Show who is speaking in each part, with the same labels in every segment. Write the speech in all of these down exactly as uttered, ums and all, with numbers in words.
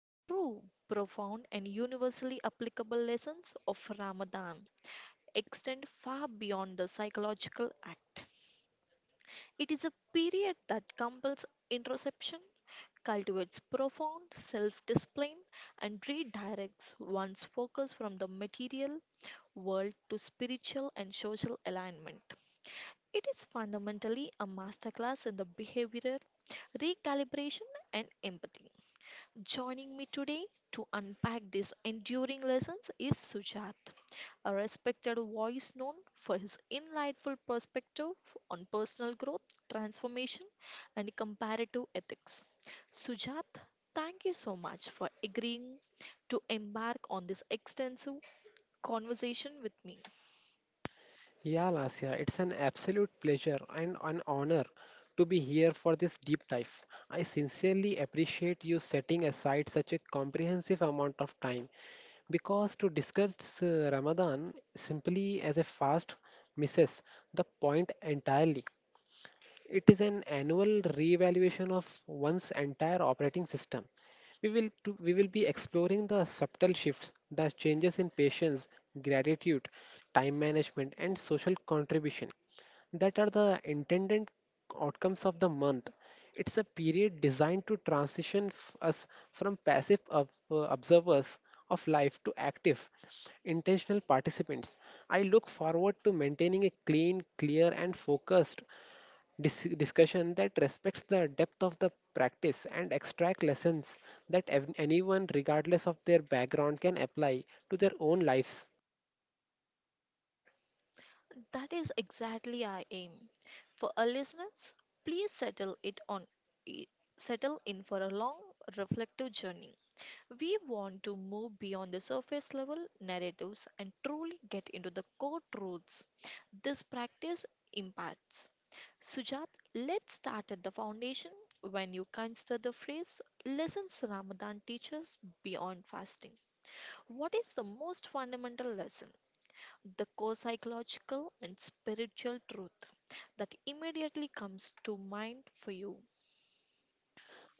Speaker 1: The true, profound, and universally applicable lessons of Ramadan extend far beyond the psychological act. It is a period that compels introspection, cultivates profound self discipline, and redirects one's focus from the material world to spiritual and social alignment. It is fundamentally a masterclass in the behavioral recalibration and empathy. Joining me today to unpack these enduring lessons is Sujat, a respected voice known for his insightful perspective on personal growth, transformation, and comparative ethics. Sujat, thank you so much for agreeing to embark on this extensive conversation with me.
Speaker 2: Yeah, Lasya, it's an absolute pleasure and an honor to be here for this deep dive. I sincerely appreciate you setting aside such a comprehensive amount of time because to discuss uh, Ramadan simply as a fast misses the point entirely. It is an annual reevaluation of one's entire operating system. We will, to, we will be exploring the subtle shifts, the changes in patience, gratitude, time management, and social contribution that are the intended outcomes of the month. It's a period designed to transition f- us from passive ob- uh, observers of life to active, intentional participants. I look forward to maintaining a clean, clear, and focused dis- discussion that respects the depth of the practice and extract lessons that ev- anyone regardless of their background can apply to their own lives.
Speaker 1: That is exactly our aim. For our listeners, please settle it on settle in for a long reflective journey. We want to move beyond the surface level narratives and truly get into the core truths this practice imparts. Sujat, let's start at the foundation. When you consider the phrase "lessons Ramadan teaches beyond fasting," what is the most fundamental lesson? The core psychological and spiritual truth that immediately comes to mind for you.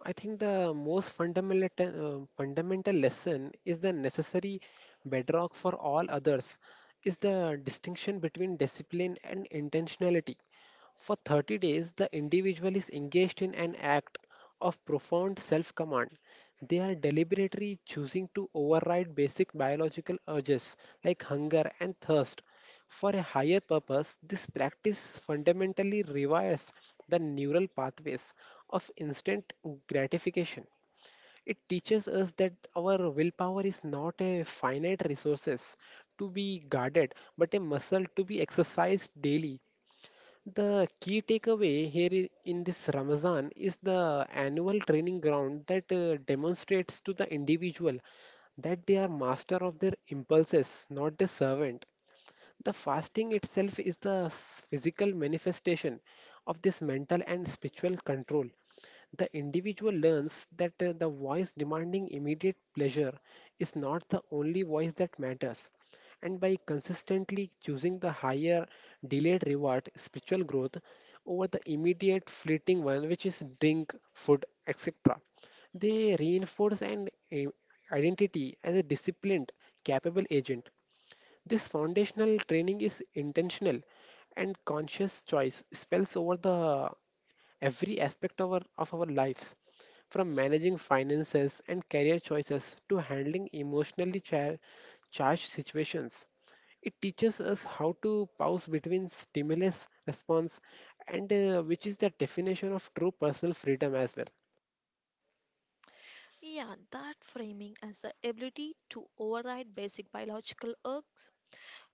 Speaker 2: I think the most fundamental uh, fundamental lesson is the necessary bedrock for all others is the distinction between discipline and intentionality. For thirty days, the individual is engaged in an act of profound self command. They are deliberately choosing to override basic biological urges like hunger and thirst. For a higher purpose, this practice fundamentally rewires the neural pathways of instant gratification. It teaches us that our willpower is not a finite resource to be guarded, but a muscle to be exercised daily. The key takeaway here i- in this Ramazan is the annual training ground that uh, demonstrates to the individual that they are master of their impulses, not the servant. The fasting itself is the s- physical manifestation of this mental and spiritual control. The individual learns that uh, the voice demanding immediate pleasure is not the only voice that matters. And by consistently choosing the higher delayed reward, spiritual growth, over the immediate fleeting one, which is drink, food, et cetera, they reinforce an i- identity as a disciplined, capable agent. This foundational training is intentional and conscious choice spells over the every aspect of our, of our lives, from managing finances and career choices to handling emotionally cha- charged situations. It teaches us how to pause between stimulus response and uh, which is the definition of true personal freedom as well.
Speaker 1: Yeah, that framing as the ability to override basic biological urges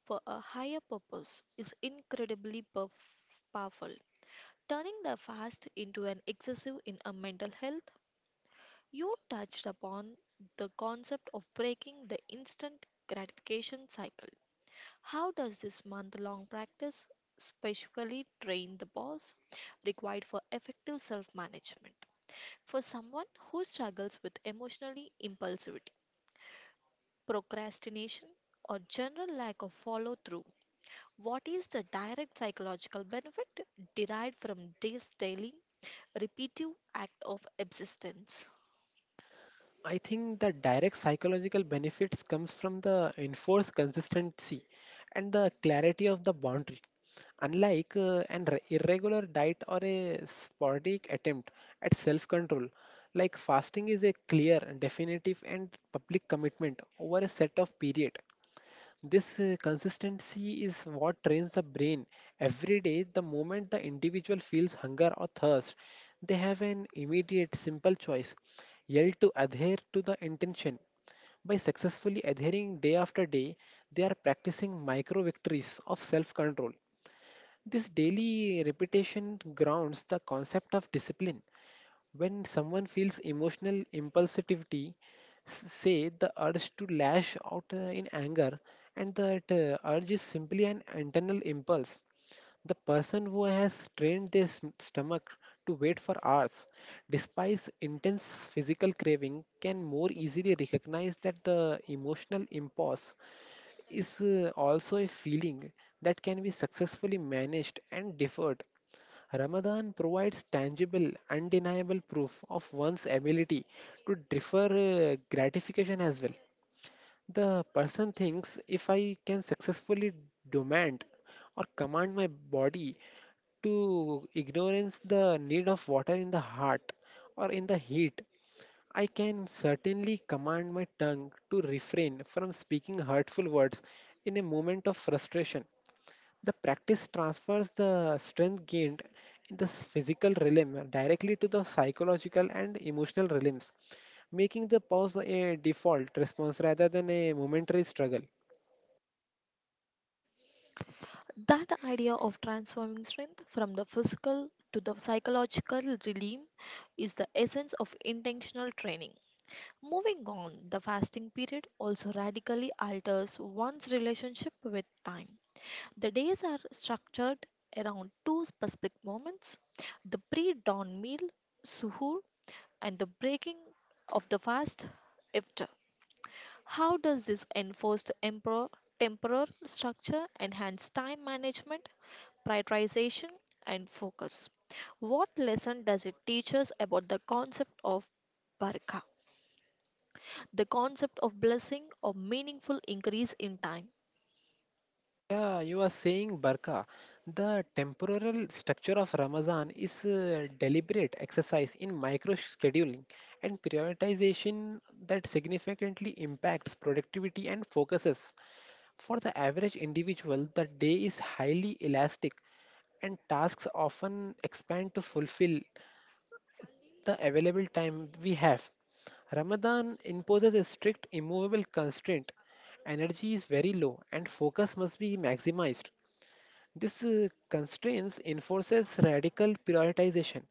Speaker 1: for a higher purpose is incredibly perf- powerful. Turning the fast into an excessive in a mental health, you touched upon the concept of breaking the instant gratification cycle. How does this month long practice specifically train the boss required for effective self management? For someone who struggles with emotionally impulsivity, procrastination, or general lack of follow through. What is the direct psychological benefit derived from this daily, repetitive act of existence?
Speaker 2: I think the direct psychological benefits comes from the enforced consistency and the clarity of the boundary. Unlike uh, an re- irregular diet or a sporadic attempt at self control, like fasting is a clear, definitive, and public commitment over a set of period. This uh, consistency is what trains the brain. Every day, the moment the individual feels hunger or thirst, they have an immediate, simple choice yell to adhere to the intention. By successfully adhering day after day, they are practicing micro victories of self control. This daily repetition grounds the concept of discipline. When someone feels emotional impulsivity, s- say the urge to lash out uh, in anger, and that uh, urge is simply an internal impulse. The person who has trained their sm- stomach to wait for hours, despite intense physical craving, can more easily recognize that the emotional impulse is uh, also a feeling that can be successfully managed and deferred. Ramadan provides tangible, undeniable proof of one's ability to defer uh, gratification as well. The person thinks, if I can successfully demand or command my body to ignorance the need of water in the heart or in the heat, I can certainly command my tongue to refrain from speaking hurtful words in a moment of frustration. The practice transfers the strength gained in the physical realm directly to the psychological and emotional realms, making the pause a default response rather than a momentary struggle.
Speaker 1: That idea of transforming strength from the physical to the psychological realm is the essence of intentional training. Moving on, the fasting period also radically alters one's relationship with time. The days are structured around two specific moments: the pre dawn meal, suhoor, and the breaking of the fast, iftar. How does this enforced emperor, temporal structure enhance time management, prioritization, and focus? What lesson does it teach us about the concept of barakah, the concept of blessing or meaningful increase in time?
Speaker 2: Yeah, you are saying Barka. The temporal structure of Ramazan is a deliberate exercise in micro scheduling and prioritization that significantly impacts productivity and focuses. For the average individual, the day is highly elastic and tasks often expand to fulfill the available time we have. Ramadan imposes a strict, immovable constraint. Energy is very low and focus must be maximized. This uh, constraints enforces radical prioritization.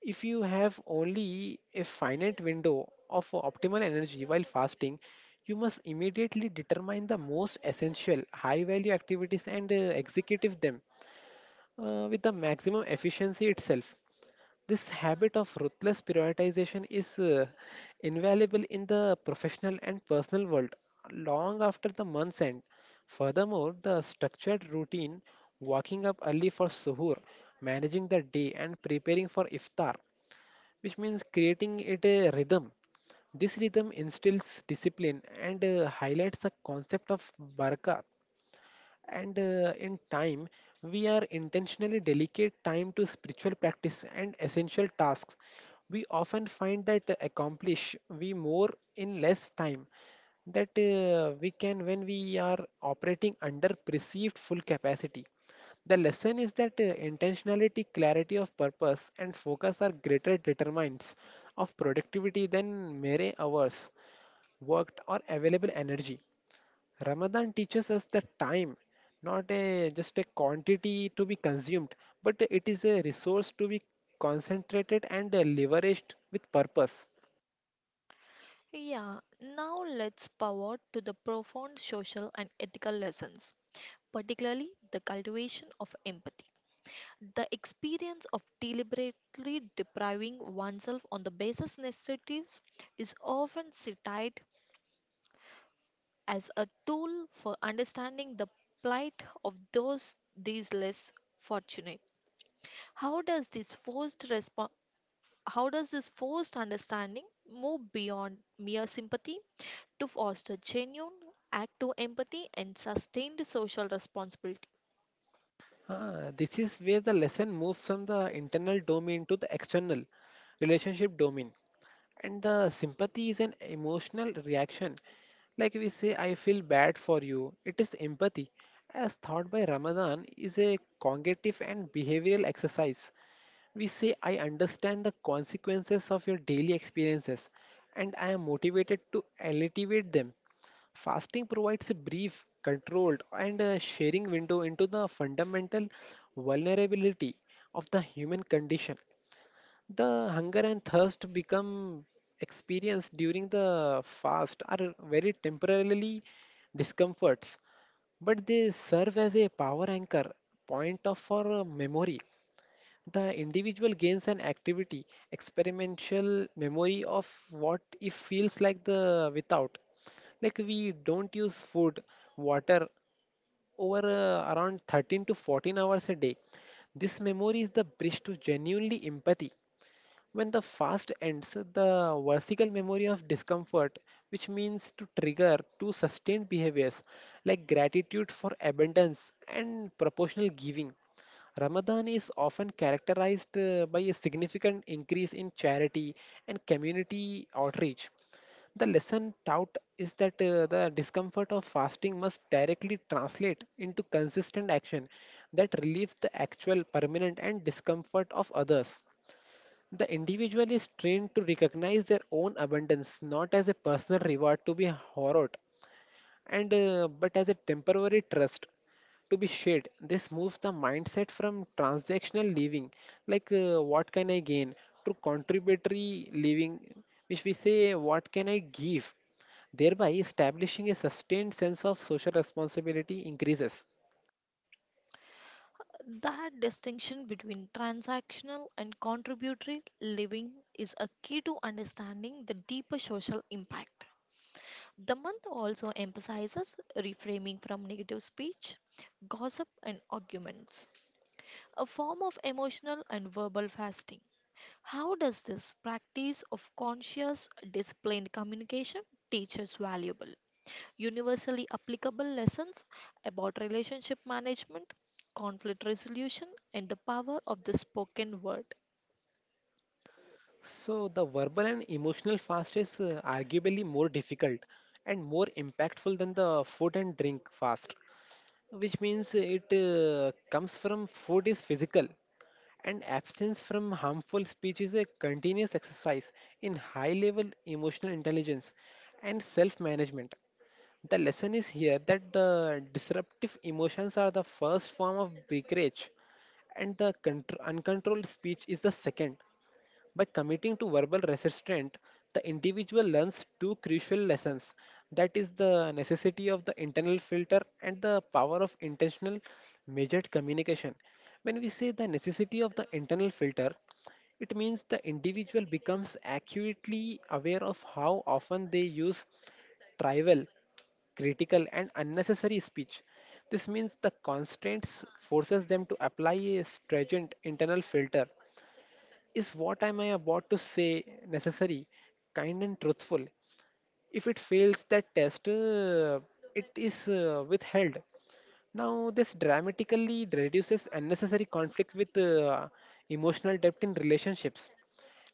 Speaker 2: If you have only a finite window of optimal energy while fasting, you must immediately determine the most essential high value activities and uh, execute them uh, with the maximum efficiency itself. This habit of ruthless prioritization is uh, invaluable in the professional and personal world long after the month's end. Furthermore, the structured routine, waking up early for suhoor, managing the day, and preparing for iftar, which means creating it a rhythm. This rhythm instills discipline and uh, highlights the concept of barkat and uh, in time, we are intentionally dedicate time to spiritual practice and essential tasks, we often find that accomplish we more in less time that uh, we can when we are operating under perceived full capacity. The lesson is that uh, intentionality, clarity of purpose and focus are greater determinants of productivity than mere hours worked or available energy. Ramadan teaches us that time, not a just a quantity to be consumed, but it is a resource to be concentrated and leveraged with purpose.
Speaker 1: Yeah, now let's power to the profound social and ethical lessons, particularly the cultivation of empathy. The experience of deliberately depriving oneself on the basis necessities is often cited as a tool for understanding the plight of those these less fortunate. How does this forced respo- How does this forced understanding move beyond mere sympathy to foster genuine, active empathy and sustained social responsibility?
Speaker 2: Ah, this is where the lesson moves from the internal domain to the external relationship domain. And the sympathy is an emotional reaction. Like we say, I feel bad for you. It is empathy. As taught by Ramadan, is a cognitive and behavioral exercise. We say, I understand the consequences of your daily experiences and I am motivated to alleviate them. Fasting provides a brief, controlled, and a sharing window into the fundamental vulnerability of the human condition. The hunger and thirst become experienced during the fast are very temporarily discomforts, but they serve as a power anchor, point of for uh, memory. The individual gains an activity, experimental memory of what it feels like the without. Like we don't use food, water over uh, around thirteen to fourteen hours a day. This memory is the bridge to genuinely empathy. When the fast ends, the vesical memory of discomfort, which means to trigger to sustained behaviors like gratitude for abundance and proportional giving. Ramadan is often characterized uh, by a significant increase in charity and community outreach. The lesson taught is that uh, the discomfort of fasting must directly translate into consistent action that relieves the actual permanent and discomfort of others. The individual is trained to recognize their own abundance not as a personal reward to be hoarded, and uh, but as a temporary trust to be shared. This moves the mindset from transactional living, like uh, what can I gain, to contributory living, which we say what can I give, thereby establishing a sustained sense of social responsibility increases.
Speaker 1: That distinction between transactional and contributory living is a key to understanding the deeper social impact. The month also emphasizes reframing from negative speech, gossip, and arguments, a form of emotional and verbal fasting. How does this practice of conscious, disciplined communication teach us valuable, universally applicable lessons about relationship management, conflict resolution, and the power of the spoken word?
Speaker 2: So the verbal and emotional fast is uh, arguably more difficult and more impactful than the food and drink fast, which means it uh, comes from food is physical and abstinence from harmful speech is a continuous exercise in high level emotional intelligence and self management. The lesson is here that the disruptive emotions are the first form of breakage and the contr- uncontrolled speech is the second. By committing to verbal resistance, the individual learns two crucial lessons, that is, the necessity of the internal filter and the power of intentional, measured communication. When we say the necessity of the internal filter, it means the individual becomes acutely aware of how often they use trivial, critical, and unnecessary speech. This means the constraints forces them to apply a stringent internal filter, is what am I about to say necessary, kind and truthful? If it fails that test, uh, it is uh, withheld. Now, this dramatically reduces unnecessary conflict with uh, emotional depth in relationships.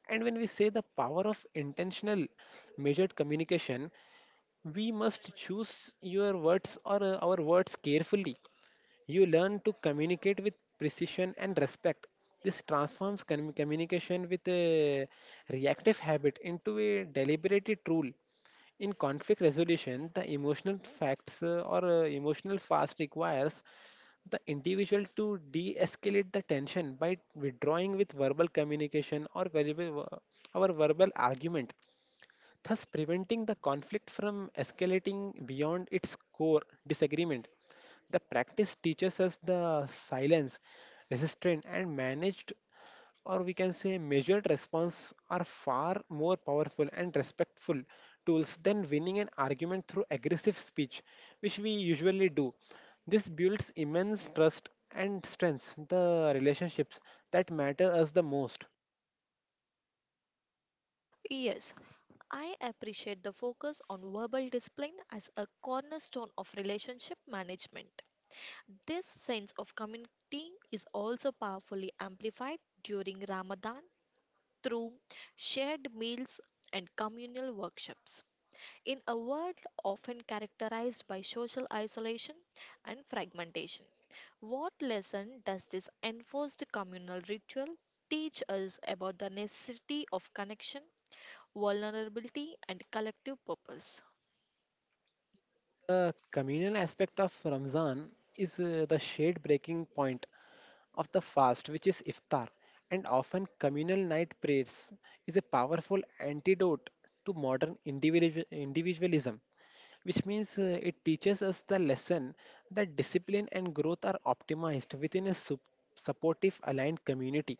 Speaker 2: And when we say the power of intentional measured communication, we must choose your words or uh, our words carefully. You learn to communicate with precision and respect. This transforms com- communication with a reactive habit into a deliberated rule. In conflict resolution, the emotional facts uh, or uh, emotional fast requires the individual to de escalate the tension by withdrawing with verbal communication or verbal, our verbal argument, thus preventing the conflict from escalating beyond its core disagreement. The practice teaches us the silence, resistant, and managed, or we can say measured response are far more powerful and respectful tools than winning an argument through aggressive speech, which we usually do. This builds immense trust and strengthens the relationships that matter us the most.
Speaker 1: Yes, I appreciate the focus on verbal discipline as a cornerstone of relationship management. This sense of community is also powerfully amplified during Ramadan through shared meals and communal workshops. In a world often characterized by social isolation and fragmentation, what lesson does this enforced communal ritual teach us about the necessity of connection, vulnerability, and collective purpose?
Speaker 2: The communal aspect of Ramzan is uh, the shared breaking point of the fast, which is iftar, and often communal night prayers is a powerful antidote to modern individu- individualism, which means uh, it teaches us the lesson that discipline and growth are optimized within a sup- supportive, aligned community.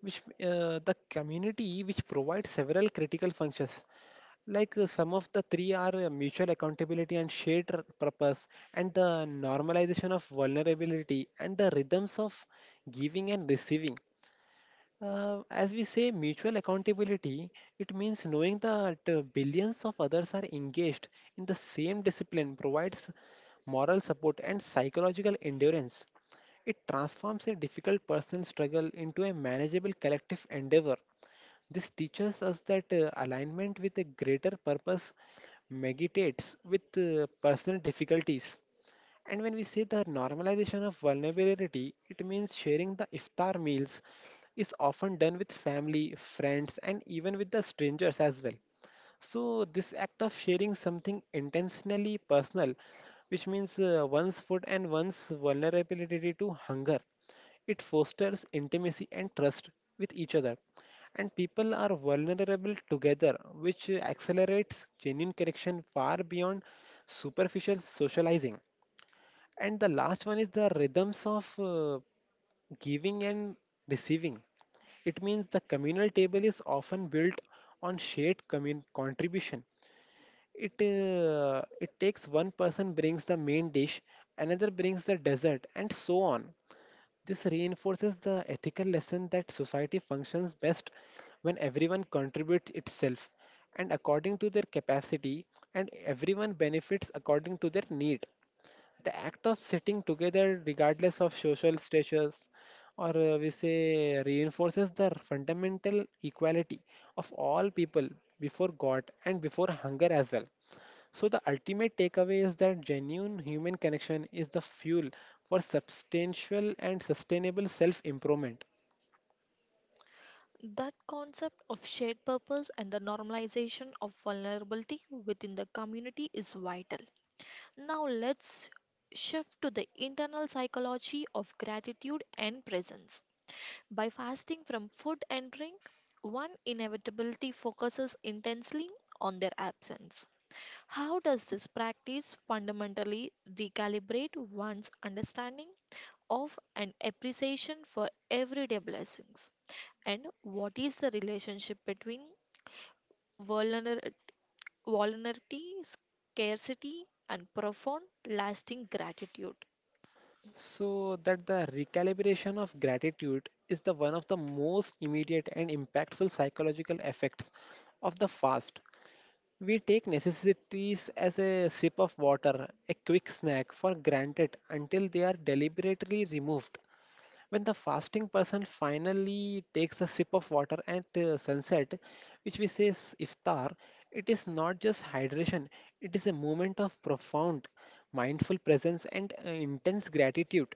Speaker 2: Which uh, the community which provides several critical functions, like uh, some of the three are uh, mutual accountability and shared r- purpose, and the normalization of vulnerability, and the rhythms of giving and receiving. Uh, as we say, mutual accountability, it means knowing that uh, billions of others are engaged in the same discipline provides moral support and psychological endurance. It transforms a difficult personal struggle into a manageable collective endeavor. This teaches us that uh, alignment with a greater purpose mitigates with uh, personal difficulties. And when we say the normalization of vulnerability, it means sharing the iftar meals is often done with family, friends, and even with the strangers as well. So, this act of sharing something intentionally personal, which means uh, one's food and one's vulnerability to hunger, it fosters intimacy and trust with each other. And people are vulnerable together, which uh, accelerates genuine connection far beyond superficial socializing. And the last one is the rhythms of uh, giving and receiving. It means the communal table is often built on shared commun- contribution. It uh, it takes one person brings the main dish, another brings the dessert, and so on. This reinforces the ethical lesson that society functions best when everyone contributes itself and according to their capacity, and everyone benefits according to their need. The act of sitting together, regardless of social status, or uh, we say reinforces the fundamental equality of all people before God and before hunger as well. So, the ultimate takeaway is that genuine human connection is the fuel for substantial and sustainable self improvement.
Speaker 1: That concept of shared purpose and the normalization of vulnerability within the community is vital. Now let's shift to the internal psychology of gratitude and presence. By fasting from food and drink, one inevitability focuses intensely on their absence. How does this practice fundamentally recalibrate one's understanding of and appreciation for everyday blessings? And what is the relationship between vulner- vulnerability, scarcity, and profound lasting gratitude?
Speaker 2: So, that the recalibration of gratitude is the one of the most immediate and impactful psychological effects of the fast. We take necessities as a sip of water, a quick snack for granted until they are deliberately removed. When the fasting person finally takes a sip of water at uh, sunset, which we say is iftar, it is not just hydration, it is a moment of profound mindful presence and uh, intense gratitude,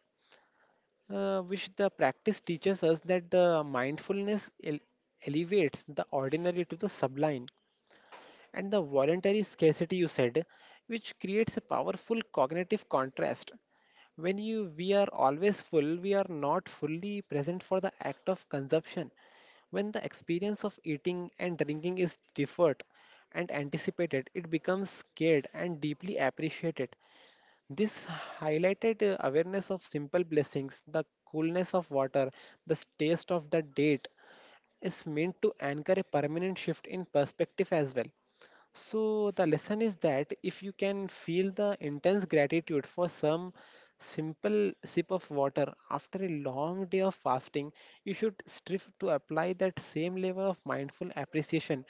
Speaker 2: uh, which the practice teaches us that the mindfulness ele- elevates the ordinary to the sublime and the voluntary scarcity you said, which creates a powerful cognitive contrast. When you we are always full, we are not fully present for the act of consumption. When the experience of eating and drinking is deferred and anticipated, it becomes scared and deeply appreciated. This highlighted uh, awareness of simple blessings, the coolness of water, the taste of the date, is meant to anchor a permanent shift in perspective as well. So, the lesson is that if you can feel the intense gratitude for some simple sip of water after a long day of fasting, you should strive to apply that same level of mindful appreciation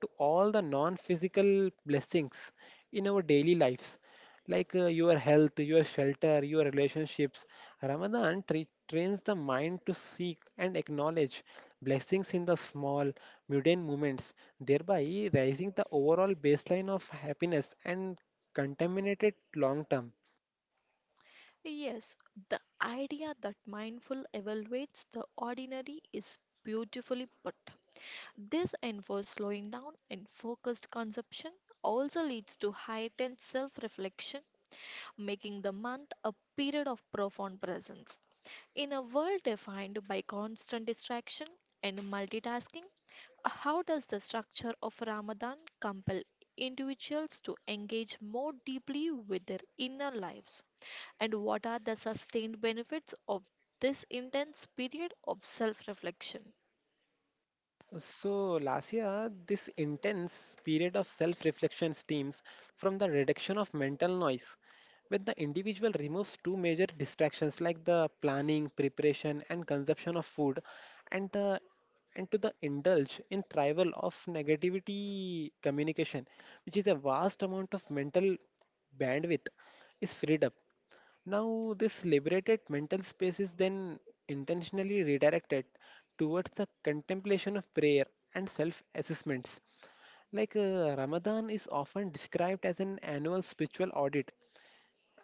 Speaker 2: to all the non physical blessings in our daily lives like uh, your health, your shelter, your relationships. Ramadan tra- trains the mind to seek and acknowledge blessings in the small, mundane moments, thereby raising the overall baseline of happiness and contaminated long term.
Speaker 1: Yes, the idea that mindful evaluates the ordinary is beautifully put. This enforced slowing down and focused consumption also leads to heightened self reflection, making the month a period of profound presence. In a world defined by constant distraction and multitasking, how does the structure of Ramadan compel individuals to engage more deeply with their inner lives? And what are the sustained benefits of this intense period of self reflection?
Speaker 2: So, Lasia, this intense period of self reflection stems from the reduction of mental noise. When the individual removes two major distractions like the planning, preparation, and consumption of food, and the and to the indulge in thrival of negativity communication, which is a vast amount of mental bandwidth, is freed up. Now, this liberated mental space is then intentionally redirected towards the contemplation of prayer and self assessments. Like uh, Ramadan is often described as an annual spiritual audit,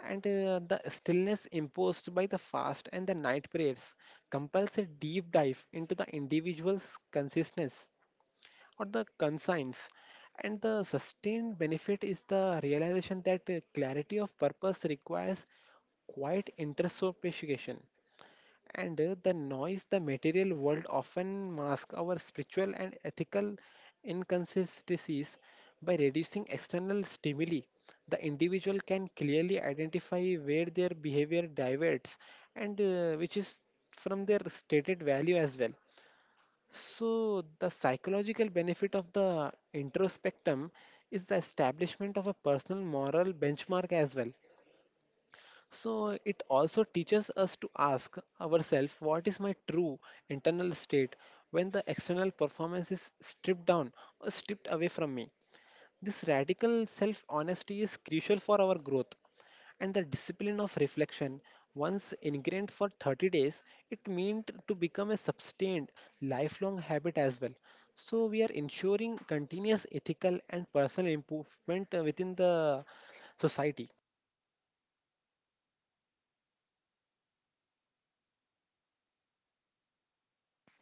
Speaker 2: and uh, the stillness imposed by the fast and the night prayers compels a deep dive into the individual's consciousness or the consigns. And the sustained benefit is the realization that uh, clarity of purpose requires quiet introspection. And uh, the noise the material world often masks our spiritual and ethical inconsistencies by reducing external stimuli. The individual can clearly identify where their behavior diverges and uh, which is from their stated value as well. So, the psychological benefit of the introspectum is the establishment of a personal moral benchmark as well. So, it also teaches us to ask ourselves what is my true internal state when the external performance is stripped down or stripped away from me. This radical self honesty is crucial for our growth, and the discipline of reflection once ingrained for thirty days it meant to become a sustained lifelong habit as well. So we are ensuring continuous ethical and personal improvement uh, within the society.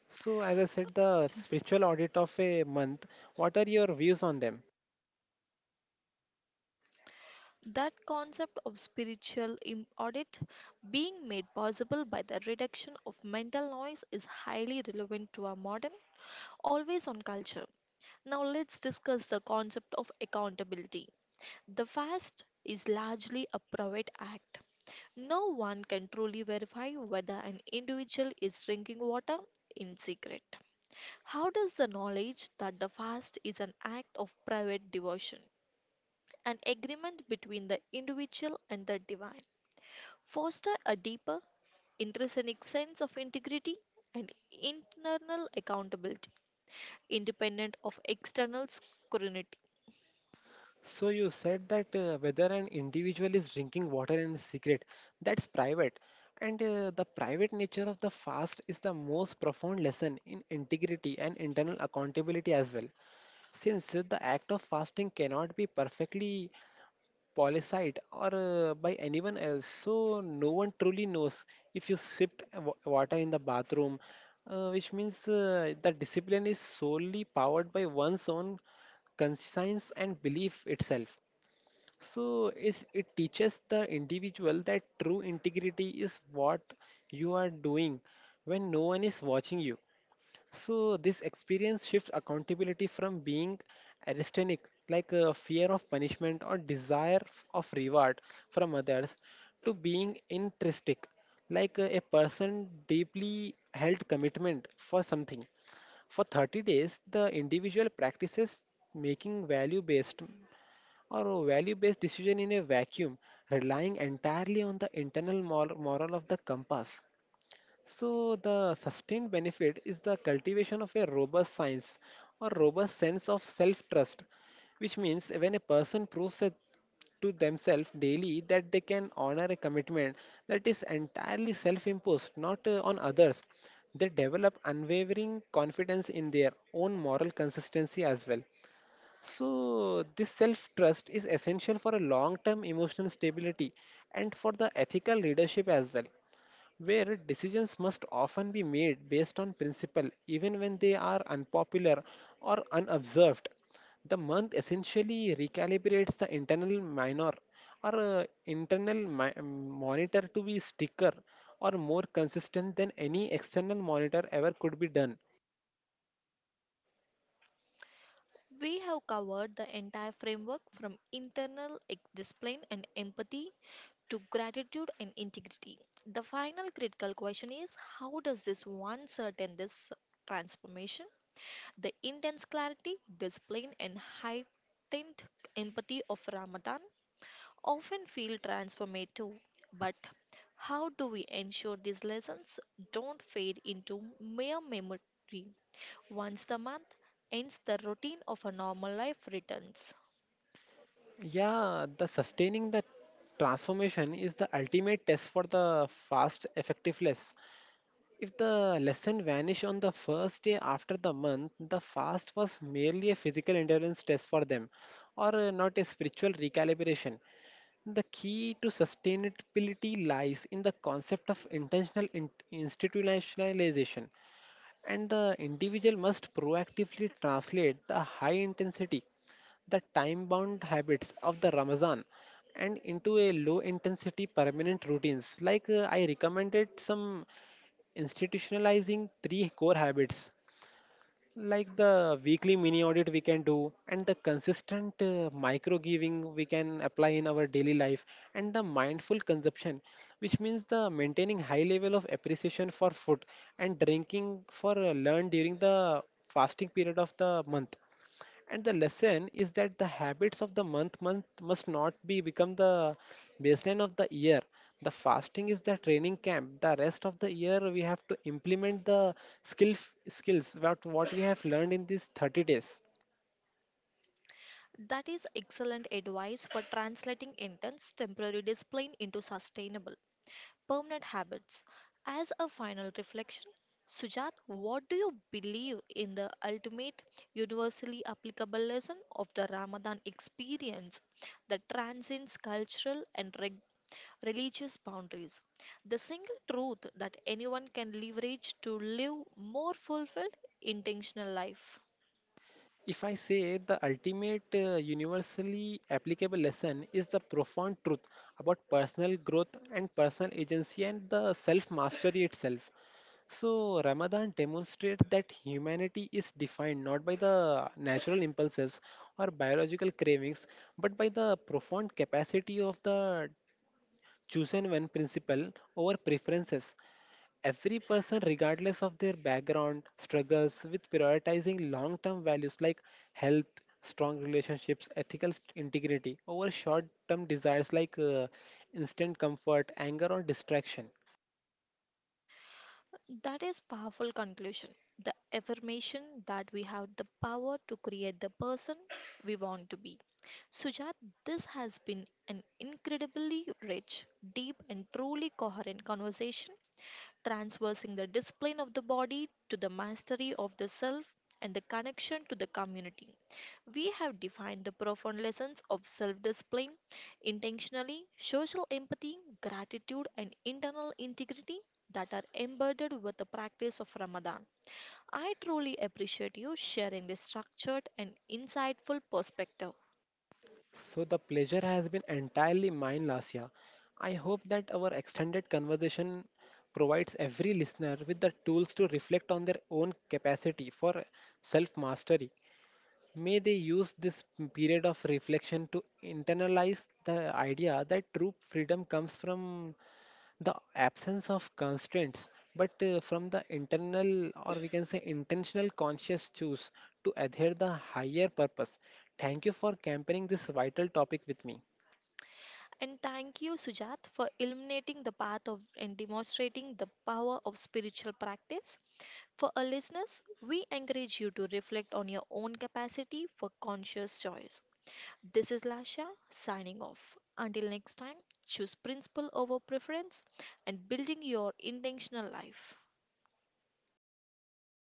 Speaker 2: So as I said, the spiritual audit of a month, what are your views on them?
Speaker 1: That concept of spiritual im- audit being made possible by the reduction of mental noise is highly relevant to our modern, always on culture. Now, let's discuss the concept of accountability. The fast is largely a private act. No one can truly verify whether an individual is drinking water in secret. How does the knowledge that the fast is an act of private devotion, an agreement between the individual and the divine, foster a deeper, intrinsic sense of integrity and internal accountability, independent of external scrutiny?
Speaker 2: So you said that uh, whether an individual is drinking water in secret, that's private. And uh, the private nature of the fast is the most profound lesson in integrity and internal accountability as well. Since uh, the act of fasting cannot be perfectly policed or uh, by anyone else, so no one truly knows if you sipped wa- water in the bathroom, uh, which means uh, the discipline is solely powered by one's own conscience and belief itself. So is it teaches the individual that true integrity is what you are doing when no one is watching you. So this experience shifts accountability from being aristanic, like a fear of punishment or desire f- of reward from others, to being intrinsic, like a a person deeply held commitment for something. For thirty days, the individual practices making value based or a value based decision in a vacuum, relying entirely on the internal mor- moral of the compass. So, the sustained benefit is the cultivation of a robust science or robust sense of self trust, which means when a person proves a to themselves daily that they can honor a commitment that is entirely self imposed, not uh, on others. They develop unwavering confidence in their own moral consistency as well. So, this self trust is essential for a long term emotional stability and for the ethical leadership as well, where decisions must often be made based on principle even when they are unpopular or unobserved. The month essentially recalibrates the internal minor or uh, internal mi- mm, monitor to be sticker or more consistent than any external monitor ever could be done.
Speaker 1: We have covered the entire framework from internal ex- discipline and empathy to gratitude and integrity. The final critical question is how does this one certain this transformation. The intense clarity, discipline, and heightened empathy of Ramadan often feel transformative. But how do we ensure these lessons don't fade into mere memory once the month ends, the routine of a normal life returns?
Speaker 2: Yeah, the sustaining the transformation is the ultimate test for the fast effectiveness. If the lesson vanished on the first day after the month, the fast was merely a physical endurance test for them, or uh, not a spiritual recalibration. The key to sustainability lies in the concept of intentional in- institutionalization, and the individual must proactively translate the high intensity the time bound habits of the Ramazan and into a low intensity permanent routines. Like uh, I recommended some institutionalizing three core habits like the weekly mini audit we can do, and the consistent uh, micro giving we can apply in our daily life, and the mindful consumption, which means the maintaining high level of appreciation for food and drinking for uh, learn during the fasting period of the month. And the lesson is that the habits of the month month must not be become the baseline of the year. The fasting is the training camp. The rest of the year we have to implement the skill skills what what we have learned in these thirty days.
Speaker 1: That is excellent advice for translating intense temporary discipline into sustainable, permanent habits. As a final reflection, Sujat, what do you believe in the ultimate universally applicable lesson of the Ramadan experience that transcends cultural and reg- religious boundaries? The single truth that anyone can leverage to live more fulfilled, intentional life.
Speaker 2: If I say the ultimate uh, universally applicable lesson is the profound truth about personal growth and personal agency and the self mastery itself. So, Ramadan demonstrates that humanity is defined not by the natural impulses or biological cravings, but by the profound capacity of the chosen one principle over preferences. Every person, regardless of their background, struggles with prioritizing long term values like health, strong relationships, ethical st- integrity over short term desires like uh, instant comfort, anger, or distraction.
Speaker 1: That is powerful conclusion. The affirmation that we have the power to create the person we want to be. Sujat, this has been an incredibly rich, deep and truly coherent conversation transversing the discipline of the body to the mastery of the self and the connection to the community. We have defined the profound lessons of self discipline intentionally, social empathy, gratitude, and internal integrity that are embedded with the practice of Ramadan. I truly appreciate you sharing this structured and insightful perspective.
Speaker 2: So the pleasure has been entirely mine, Lasya. I hope that our extended conversation provides every listener with the tools to reflect on their own capacity for self mastery. May they use this period of reflection to internalize the idea that true freedom comes from the absence of constraints, but uh, from the internal, or we can say intentional conscious choose to adhere the higher purpose. Thank you for camping this vital topic with me.
Speaker 1: And thank you, Sujat, for illuminating the path of and demonstrating the power of spiritual practice. For our listeners, we encourage you to reflect on your own capacity for conscious choice. This is Lasha signing off. Until next time, choose principle over preference and building your intentional life.